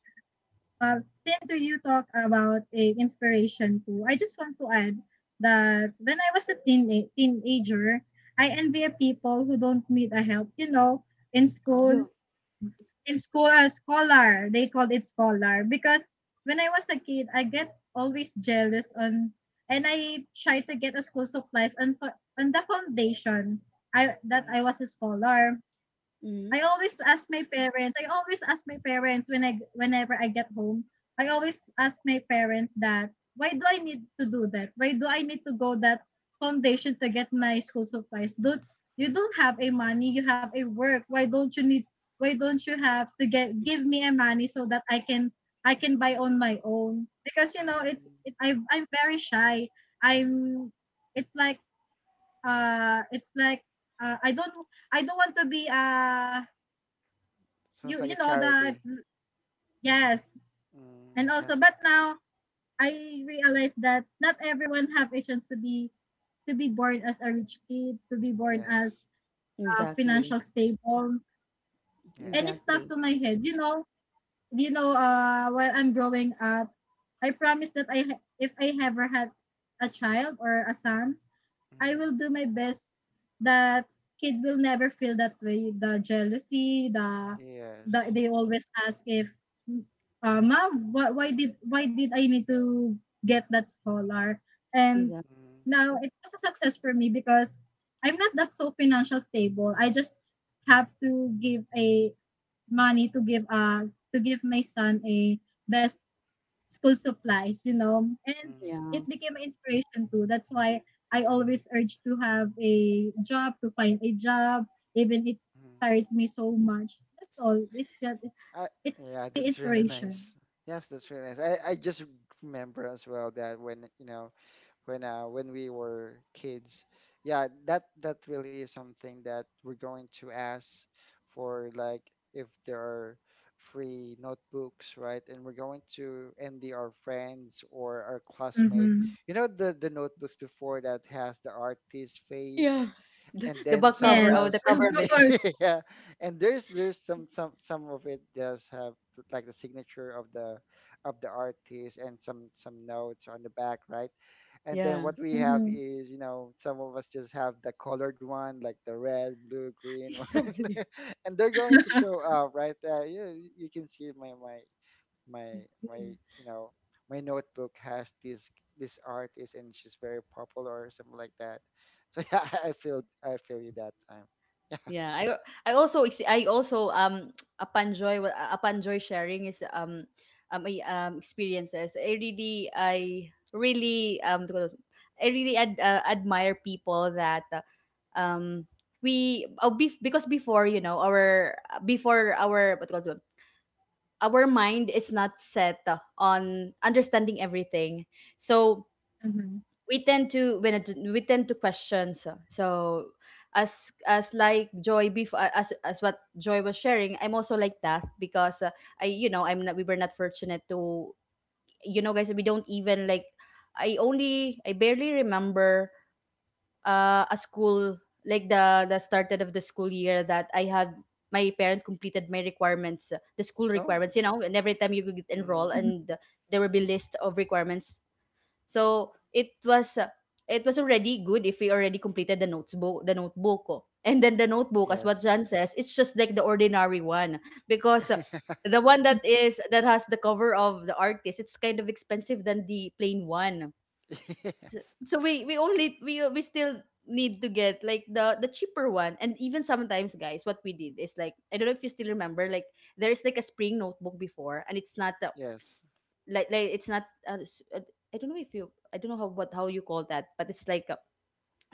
Uh, since you talk about a inspiration too, I just want to add that when I was a teen teenager, I envy people who don't need a help. You know, in
Yeah.
Oh,
school, in school, scholar, they called it scholar because when I was a kid I get always jealous on, and I try to get a school supplies on on the foundation, I that
mm,
I was a scholar. I
Mhm.
always ask my parents. I always ask my parents whenever I get home. I always ask my parents that why do I need to do that? Why do I need to go that foundation to get my school supplies? Don't You don't have a money, you have a work. Why don't you have to get give me a money so that I can, I can buy on
mm,
my own? Because you know it's
mm.
it, I I'm very shy. I'm it's like uh it's like uh, I don't I don't want to be, you,
Sounds like
you
a
know that.
charity.
Yes.
Mm,
And
yeah.
also, but now I realize that not everyone have a chance to be born as a rich kid, to be born
Yes.
as,
Exactly.
financial stable, and it
Yes.
stuck
Exactly.
to my head, you know. You know, while I'm growing up, I promise that, if I ever had a child or a son, I
Mm,
will do my best that kid will never feel that way. The jealousy,
yes.
they always ask if, ma'am, why did I need to get that scholar? And
Exactly.
Mm,
now it was a success for me because I'm not that so financial stable. I just have to give a money to give, to give my son a best school supplies, you know. And
mm,
Yeah.
it became an inspiration too. That's why I always urge to have a job, to find a job, even it
mm.
tires me so much. That's all. It's just it,
I,
it
yeah,
became an
that's really
inspiration.
nice. Yes, that's really nice. I just remember as well that when, you know, when we were kids. Yeah, that really is something that we're going to ask for, like, if there are free notebooks, right? And we're going to envy our friends or our classmate.
Mm-hmm.
You know, the notebooks before that has the artist face,
Yeah.
and
The
then
back
some of
cover,
Yes.
oh, the
us,
Of
cover of it.
course.
yeah. And there's some of it does have like the signature of the artist and some notes on the back, right? And then
Yeah.
what we have
Mm-hmm.
is, you know, some of us just have the colored one, like the red, blue, green one, and they're going to show up right there. You can see my my
Exactly.
you know my notebook has this artist, and she's very popular or something like that. So yeah, I feel you that time. Yeah.
Yeah. I also upon joy upon joy sharing is experiences. I really Tawag dito, I really admire people that um because before you know our before our what do you call it, our mind is not set on understanding everything. So
Mm-hmm.
we tend to question. As like joy before, as what joy was sharing, I'm also like that because I you know I'm not we were not fortunate to you know guys we don't even like I barely remember a school like the started of the school year that I had my parent completed my requirements, the school
Oh.
requirements. You know, and every time you could enroll
Hmm.
and there will be list of requirements. So it was already good if we already completed the notebook, the notebook ko. And then the notebook, as what
Yes.
John says, it's just like the ordinary one because the one that is that has the cover of the artist, it's kind of expensive than the plain one. So,
Yes.
we only we still need to get like the cheaper one. And even sometimes guys what we did is like I don't know if you still remember like there's like a spring notebook before and it's not the
Yes.
it's not I don't know if you I don't know how what how you call that but it's like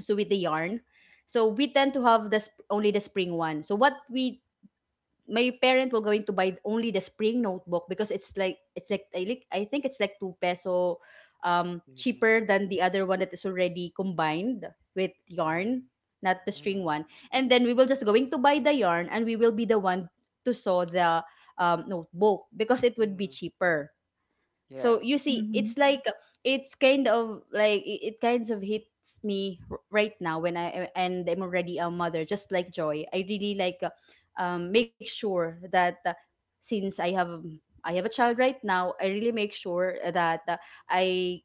so with the yarn. So we tend to have this only the spring one. So what we my parent were going to buy only the spring notebook because it's like I like I think it's like 2 peso
Mm-hmm.
cheaper than the other one that is already combined with
Hmm.
yarn, not the
Hmm.
string one. And then we will just going to buy the yarn and we will be the one to sew the notebook because it would be
Hmm.
cheaper. So you
Yes.
see it's
Mm-hmm.
like it's kind of like it kind of hits me right now when I and I'm already a mother just like joy. I really like make sure that since I have a child right now, I really make sure that I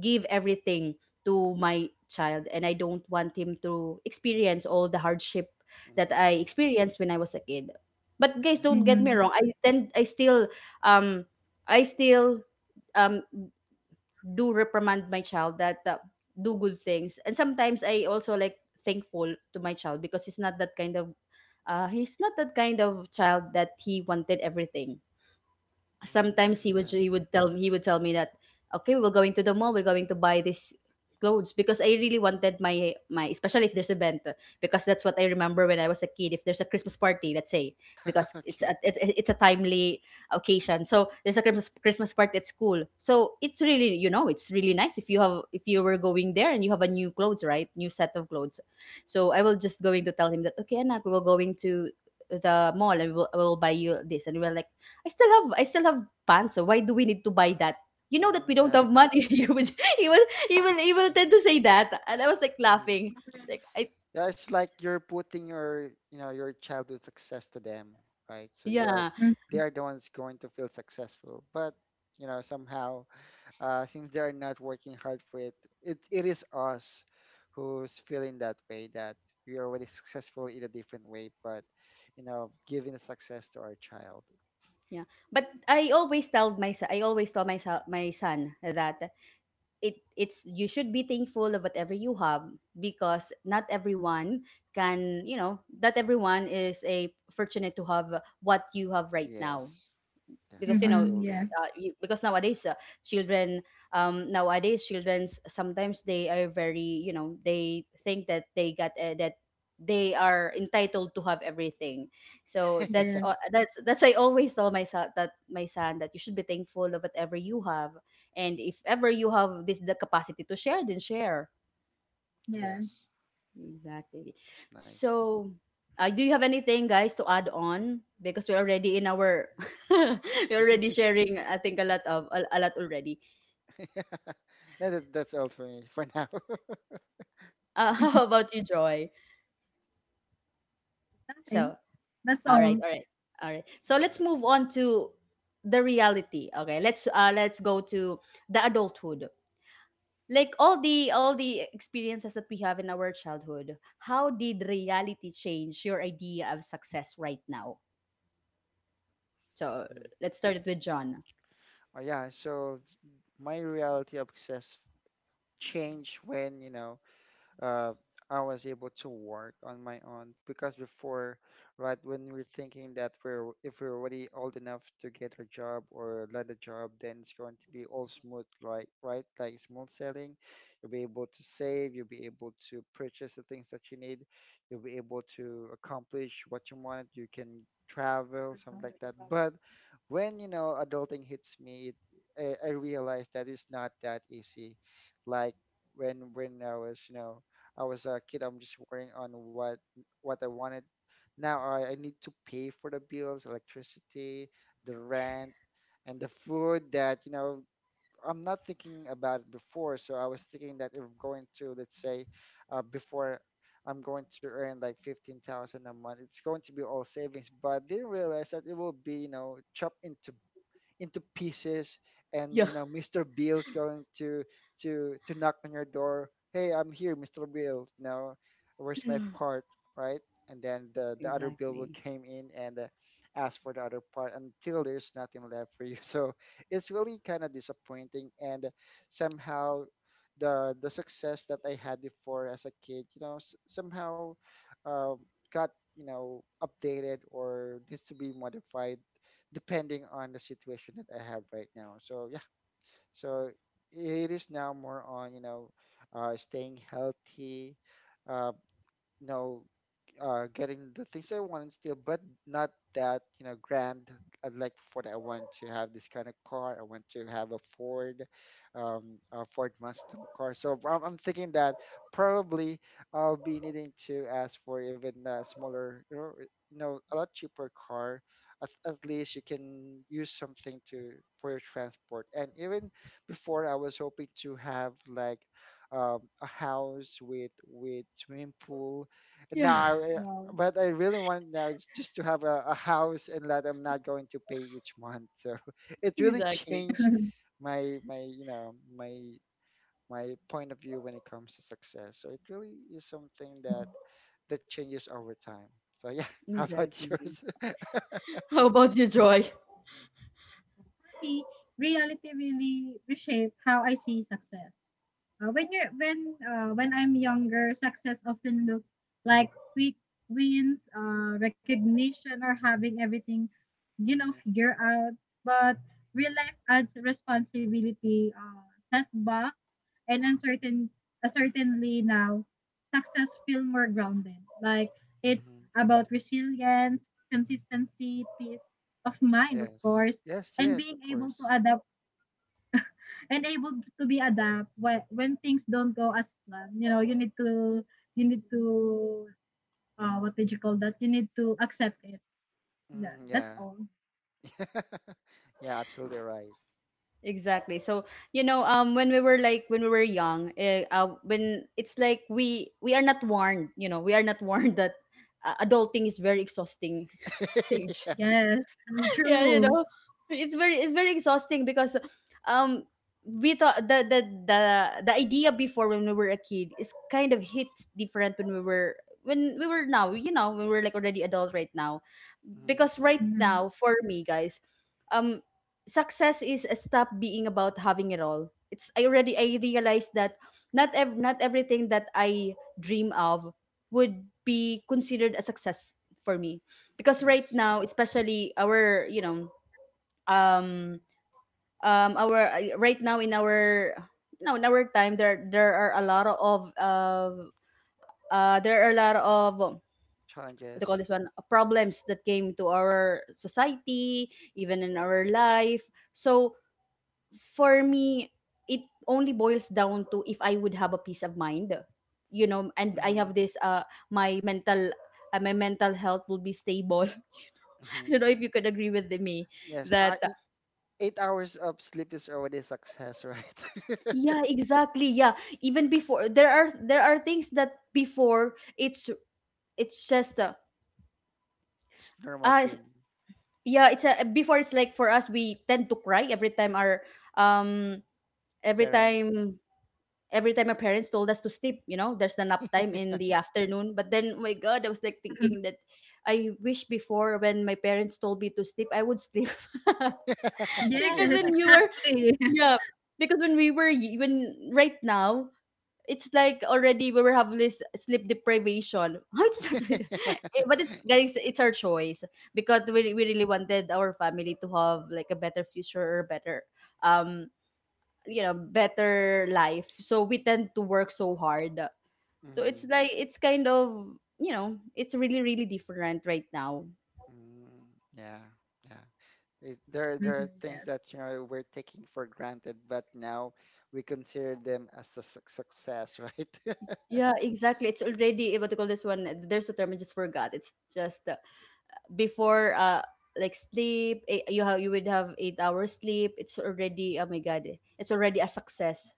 give everything to my child and I don't want him to experience all the hardship that
Mm-hmm.
I experienced when I was a kid. But guys, don't get me
Mm-hmm.
wrong, I still um i still um do reprimand my child that do good things. And sometimes I also like thankful to my child because he's not that kind of he's not that kind of child that he wanted everything.
Mm,
Sometimes
yeah.
he would tell me that okay, we're going to the mall, we're going to buy this clothes because I really wanted my my, especially if there's a event. Because that's what I remember when I was a kid, if there's a christmas party, let's say, because
Okay.
it's a timely occasion. So there's a christmas party at school. So it's really, you know, it's really nice if you have if you were going there and you have a new clothes, right? New set of clothes. So I will just going to tell him that okay anak, we're going to the mall and I will buy you this. And we we're like I still have, I still have pants. So why do we need to buy that? You know that
Mm,
we don't
yeah.
have money. You would you
Okay.
will you will you will
Mm-hmm.
tend to say that. And I was like
Mm-hmm.
laughing. It's like I
Yeah, it's like you're putting your childhood success to them, right? So they are
yeah
they are the ones going to feel successful. But, somehow seems they are not working hard for it. It is us who's feeling that way that we are already successful in a different way, but giving the success to our child.
yeah. But I always tell my son, my son, that it's you should be thankful of whatever you have, because not everyone can, you know, not everyone is a fortunate to have what you have right now.
Yes. Yes,
Because you know
Mm-hmm.
absolutely.
Yes.
because nowadays children, nowadays childrens sometimes they are very, you know, they think that they got that they are entitled to have everything. So
Yes.
that's I always tell my son, that you should be thankful of whatever you have. And if ever you have this the capacity to share, then share.
Yes.
Yes.
Exactly.
That's nice.
So, do you have anything, guys, to add on? Because we're already in our, we're already sharing. I think a lot already.
No, that's all for me for now.
How about you, Joy?
Nothing.
So,
That's
all right,
all.
all right, all right. So
Mhm.
let's move on to the reality. Okay, let's go to the adulthood. Like all the experiences that we have in our childhood, how did reality change your idea of success right now? So
Mm.
let's start it with John.
Oh yeah, so my reality of success changed when, uh, I was able to work on my own because before, right, when we're thinking that we're if we're already old enough to get a job or land a job, then it's going to be all smooth, right? Right, like smooth sailing. You'll be able to save. You'll be able to purchase the things that you need. You'll be able to accomplish what you wanted. You can travel, something like that. But when adulting hits me, I realized that it's not that easy. Like when I was I was a kid, I'm just worrying on what I wanted. Now I need to pay for the bills, electricity, the rent, and the food that, I'm not thinking about it before. So I was thinking that if I'm going to, let's say, before I'm going to earn like 15,000 a month, it's going to be all savings, but didn't realize that it will be, you know, chopped into pieces
Yeah.
and mr bill's going to to knock on your door, hey, I'm here, mr bill, you know, where's my part, right? And then the other bill will
Exactly.
came in and ask for the other part until there's nothing left for you. So it's really kind of disappointing and somehow the success that I had before as a kid, you know, somehow uh, got, you know, updated or needs to be modified depending on the situation that I have right now. So yeah, so it is now more on, staying healthy, uh, you know, getting the things I want and still, but not that, you know, grand. I like what I want to have this kind of car. I want to have a Ford Mustang car. So I'm thinking that probably I'll be needing to ask for even a smaller, a lot cheaper car. At least you can use something to for your transport. And even before, I was hoping to have like a house with swimming pool
Yeah,
now
Wow.
but I really want now is just to have a house and that I'm not going to pay each month. So it really
exactly.
changed my my point of view when it comes to success. So it really is something that changes over time. So yeah. How about
Exactly.
yours?
How about you, Joy?
For me, reality really reshaped how I see success. When you're when I'm younger, success often looked like quick wins, recognition, or having everything you know
Hmm.
figured out. But real life adds responsibility, setbacks and uncertain certainly now success feel more grounded. Like it's
Hmm.
about resilience, consistency, peace of mind, of
Yes,
course,
yes,
and
yes,
being
of
able to
course.
adapt and able to be adapt when things don't go as planned. You know, you need to what did you call that? You need to accept it. Yeah,
Mm,
that's
yeah.
all.
Yeah, absolutely right.
Exactly. So, you know, when we were like when we were young, when it's like we are not warned, you know, we are not warned that adulting is very exhausting stage.
Yeah.
Yes,
Yeah, you
true.
know, it's very exhausting because um we thought the idea before when we were a kid is kind of hit different when we were now you know when we're like already adult right now.
Mhm.
Because right
Mhm.
now for me guys, um success is a stop being about having it all. It's I already I realized that not everything that I dream of would be considered a success for me. Because right
Yes.
now, especially our, you know, um our right now in our, you know, in our time, there are a lot of there are a lot of what do you call
Challenges.
this one, problems that came to our society, even in our life. So for me, it only boils down to if I would have a peace of mind, you know. And I have
Hmm.
this my mental health will be stable. I don't know if you could agree with me
Yes,
that.
8 hours of sleep is already a success, right?
Yeah, exactly. Yeah. Even before there are things that before it's just
It's normal
uh
thing,
yeah, it's a before it's like for us we tend to cry every time our um every
parents.
time our parents told us to sleep. You know, there's the nap time in the afternoon. But then oh my god, I was like thinking that I wish before when my parents told me to sleep, I would sleep.
Yes,
Because
Yeah.
when you were
exactly.
yeah, because when we were when right now it's like already we were having this sleep deprivation. How is that? Eh, but it's, guys, it's our choice, because
Mhm.
we really wanted our family to have like a better future or better um you know better life. So we tend to work so hard. So it's
Mhm.
like it's kind of, you know, it's really really different right now.
Mm. Yeah, yeah. There,
Mhm,
there are
yes.
things that you know we're taking for granted, but now we consider them as a success, right?
Yeah, exactly. It's already what do you call this one? There's a term I just forgot. It's just before like sleep, you have you would have 8 hours sleep, it's already, oh my god, it's already a success.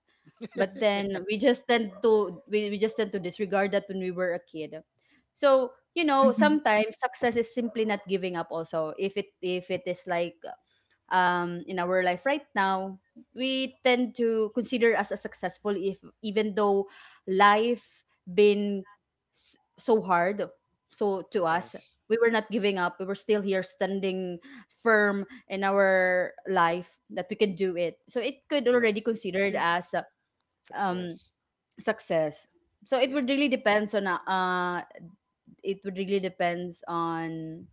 But then we just tend to disregard that when we were a kid. So you know,
Mhm,
sometimes success is simply not giving up also. If it is like, in our life right now, we tend to consider us as successful if, even though life been so hard, so to us
Yes,
we were not giving up, we were still here standing firm in our life that we can do it, so it could already
yes,
considered
yeah.
as um
success.
success. So it would
Yes.
really depends on, it would really depends on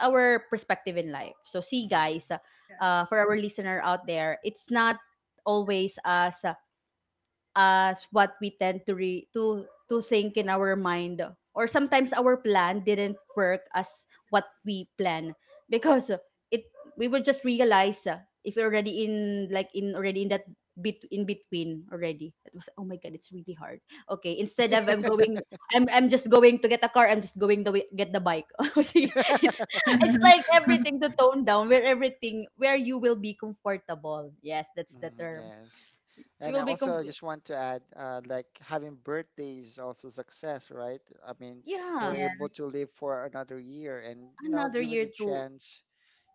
our perspective in life. So see
Mhm.
guys, for our listener out there, it's not always us as what we tend to to think in our mind, or sometimes our plan didn't work as what we plan, because it we will just realize, if you're already in, like, in already in that bit in between already, it was, oh my god, it's really hard. Okay, instead of I'm just going to get a car, I'm just going to get the bike. See, it's it's like everything to tone down, where everything, where you will be comfortable. Yes, that's the
Mm,
term.
yes.
You
And I
will be comf.
also just want to add, like having birthdays also success, right? I mean, you're
Yeah,
able to
Yes,
live for another year and you know,
another
given
year
the
to
chance,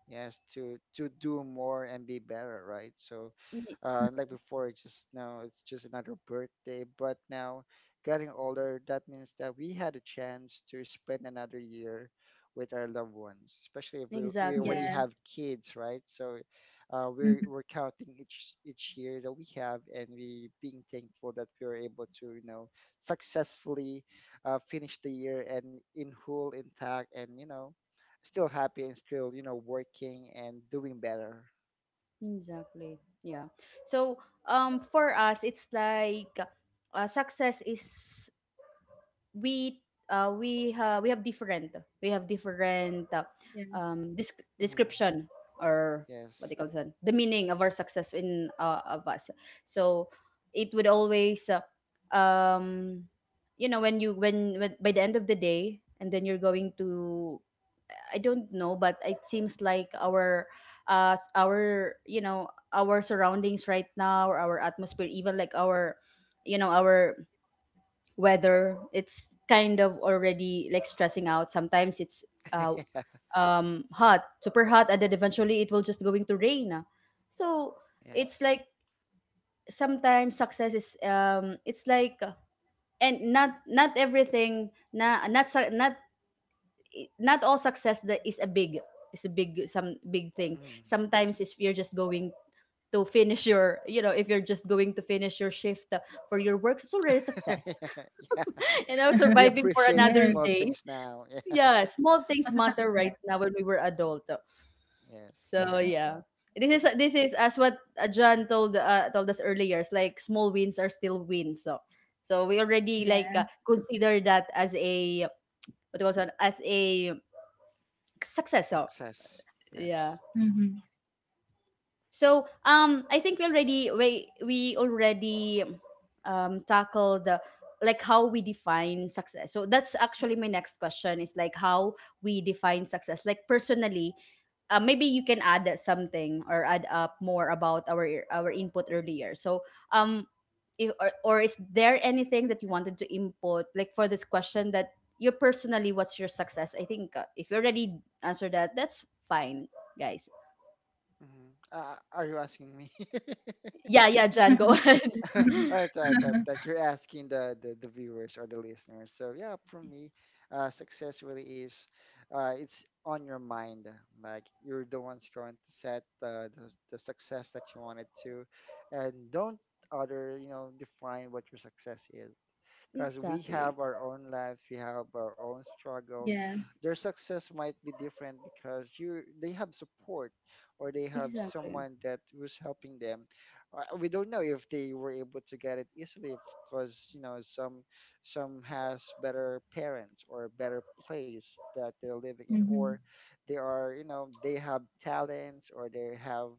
yes, to do more and be better, right? So,
y-
like before, it's just now it's just another birthday. But now, getting older, that means that we had a chance to spend another year with our loved ones, especially if we already
exactly.
have
yes,
kids, right? So,
mhm,
we're counting each year that we have, and we being thankful that we were able to, you know, successfully finish the year and in whole intact, and you know still happy and still you know working and doing better.
Exactly. Yeah. So, for us it's like, success is, we, we have different, we have different,
yes.
Hmm.
description, or what they
Yes.
call that, the meaning of our success in, of us. So, it would always um you know, when by the end of the day and then you're going to, I don't know, but it seems like our our, you know, our surroundings right now, or our atmosphere, even like our, you know, our weather, it's kind of already like stressing out. Sometimes it's uh hot, super hot, and then eventually it will just going to rain. So it's
Yes.
like sometimes success is, it's like, and not everything na, not not all success that is a big, is a big, some big thing.
Mhm.
Sometimes if you're just going to finish your you know if you're just going to finish your shift, for your work, it's already success.
Yeah,
You know,
we
surviving for
appreciate
another
Yes,
small
day.
things now. Yeah.
Yeah, small
it
things
was a
matter right
success.
now when we were adult.
Yes.
So
Yes,
yeah, this is,
It's
this is as what, John told, told us earlier, it's like small wins are still wins. So so we already like,
yes.
consider that as a, what do you call it, as a success. So
success.
yeah.
Yes.
Mm-hmm.
So I think we already tackled the, like, how we define success. So that's actually my next question, is like, how we define success, like personally. Maybe you can add something or add up more about our input earlier. So um if, or is there anything that you wanted to input, like for this question, that you personally, what's your success? I think, if you already answered that, that's fine, guys.
Hmm. Are you asking me?
Yeah, yeah, Jan, go
Success.
ahead.
All right, all right, that, that you're asking the, the viewers or the listeners. So yeah, for me, success really is it's on your mind. Like you're the ones going to set the success that you wanted to, and don't other you know define what your success is because we
Exactly.
have our own lives, we have our own struggles.
Yes,
Their success might be different because you they have support or they have
Exactly.
someone that was helping them. We don't know if they were able to get it easily because you know some has better parents or better place that they're living in
mm-hmm.
or they are you know they have talents or they have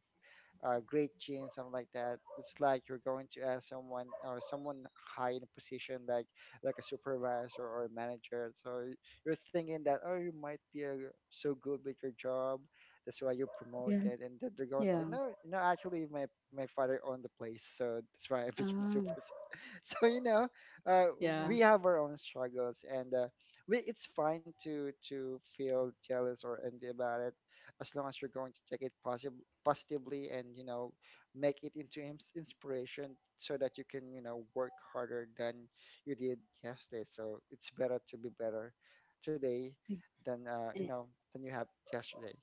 great gene, something like that. It's like you're going to ask someone or someone high in a position, like a supervisor or a manager. So you're thinking that oh, you might be so good with your job, that's why you're promoted,
Yes.
and then they're going to say
Yeah.
no, no, actually my father owned the place, so that's why I became
Um,
super. So you know, uh,
yeah.
we have our own struggles, and it's fine to feel jealous or envy about it as long as you're going to take it positive positively and you know make it into inspiration so that you can you know work harder than you did yesterday. So it's better to be better today than
Eh,
than you have yesterday.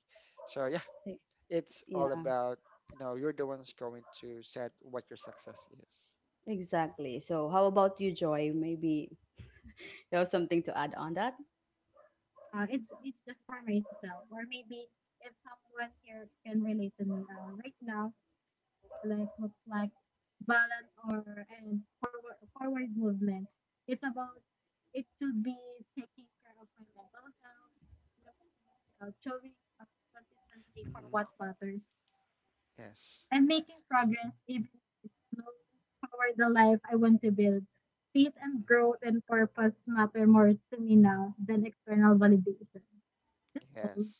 So yeah,
eh,
it's all
yeah,
about you know you're the ones going to set what your success is.
exactly. So how about you, Joy? Maybe you have something to add on that?
It's just for myself, or maybe if someone here can relate to me. Right now, life looks like balance or and forward movement. It's about it should be taking care of my mental health, and emotional health, showing up consistently for what
Hmm.
matters,
Yes.
and making progress even if it's slow toward the life I want to build. Peace and
Mhm.
growth and purpose matter more to me now than external validation. That's all.
Yes.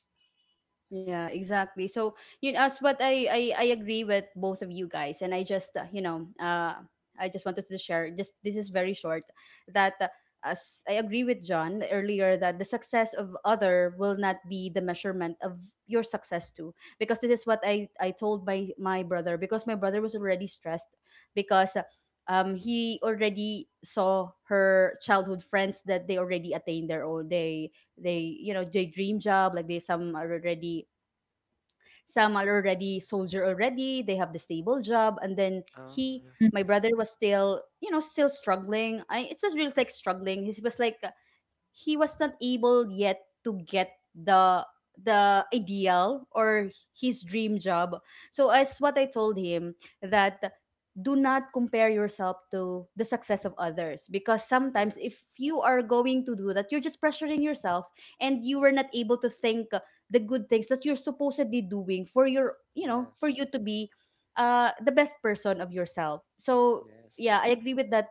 Yes.
Yeah, exactly. So, you know, as what I agree with both of you guys, and I just, you know, I just wanted to share. Just this is very short. That as I agree with John earlier, that the success of other will not be the measurement of your success too, because this is what I told my brother. Because my brother was already stressed because, he already saw her childhood friends that they already attained their own, they, you know, they dream job, like they, some are already, some are already soldier already, they have the stable job, and then
Oh
he,
yeah.
Mm.
my brother was still, you know, still struggling. I, it's not really like struggling, he was like, he was not able yet to get the ideal, or his dream job. So as what I told him, that do not compare yourself to the success of others, because sometimes if
Yes.
you are going to do that, you're just pressuring yourself, and you were not able to think the good things that you're supposedly doing for your, you know, for
Yes.
you to be the best person of yourself. So
Yes.
yeah, I agree with that,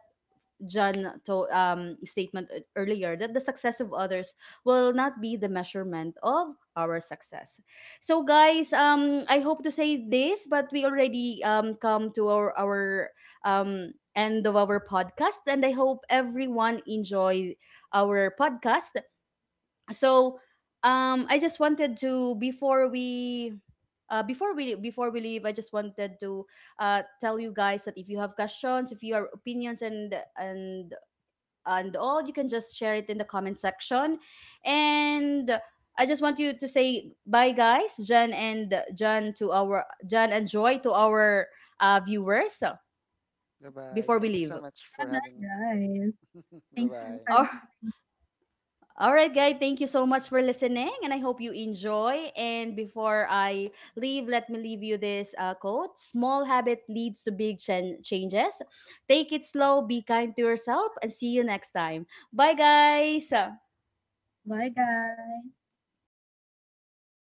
John, to statement earlier, that the success of others will not be the measurement of our success. So guys, I hope to say this, but we already come to our end of our podcast, and I hope everyone enjoy our podcast. So I just wanted to, before we, before we leave, I just wanted to, tell you guys that if you have questions, if you have opinions and and all, you can just share it in the comment section. And I just want you to say bye, guys, Jan and Joy to our viewers,
Bye bye.
before we
Thank you so
leave.
much for
Bye
having me
bye,
here.
guys.
Bye
Thank
bye.
you for
Oh,
listening.
all right, guys, thank you so much for listening, and I hope you enjoy. And before I leave, let me leave you this quote: "Small habit leads to big changes. Take it slow, be kind to yourself, and see you next time. Bye, guys."
Bye, guys.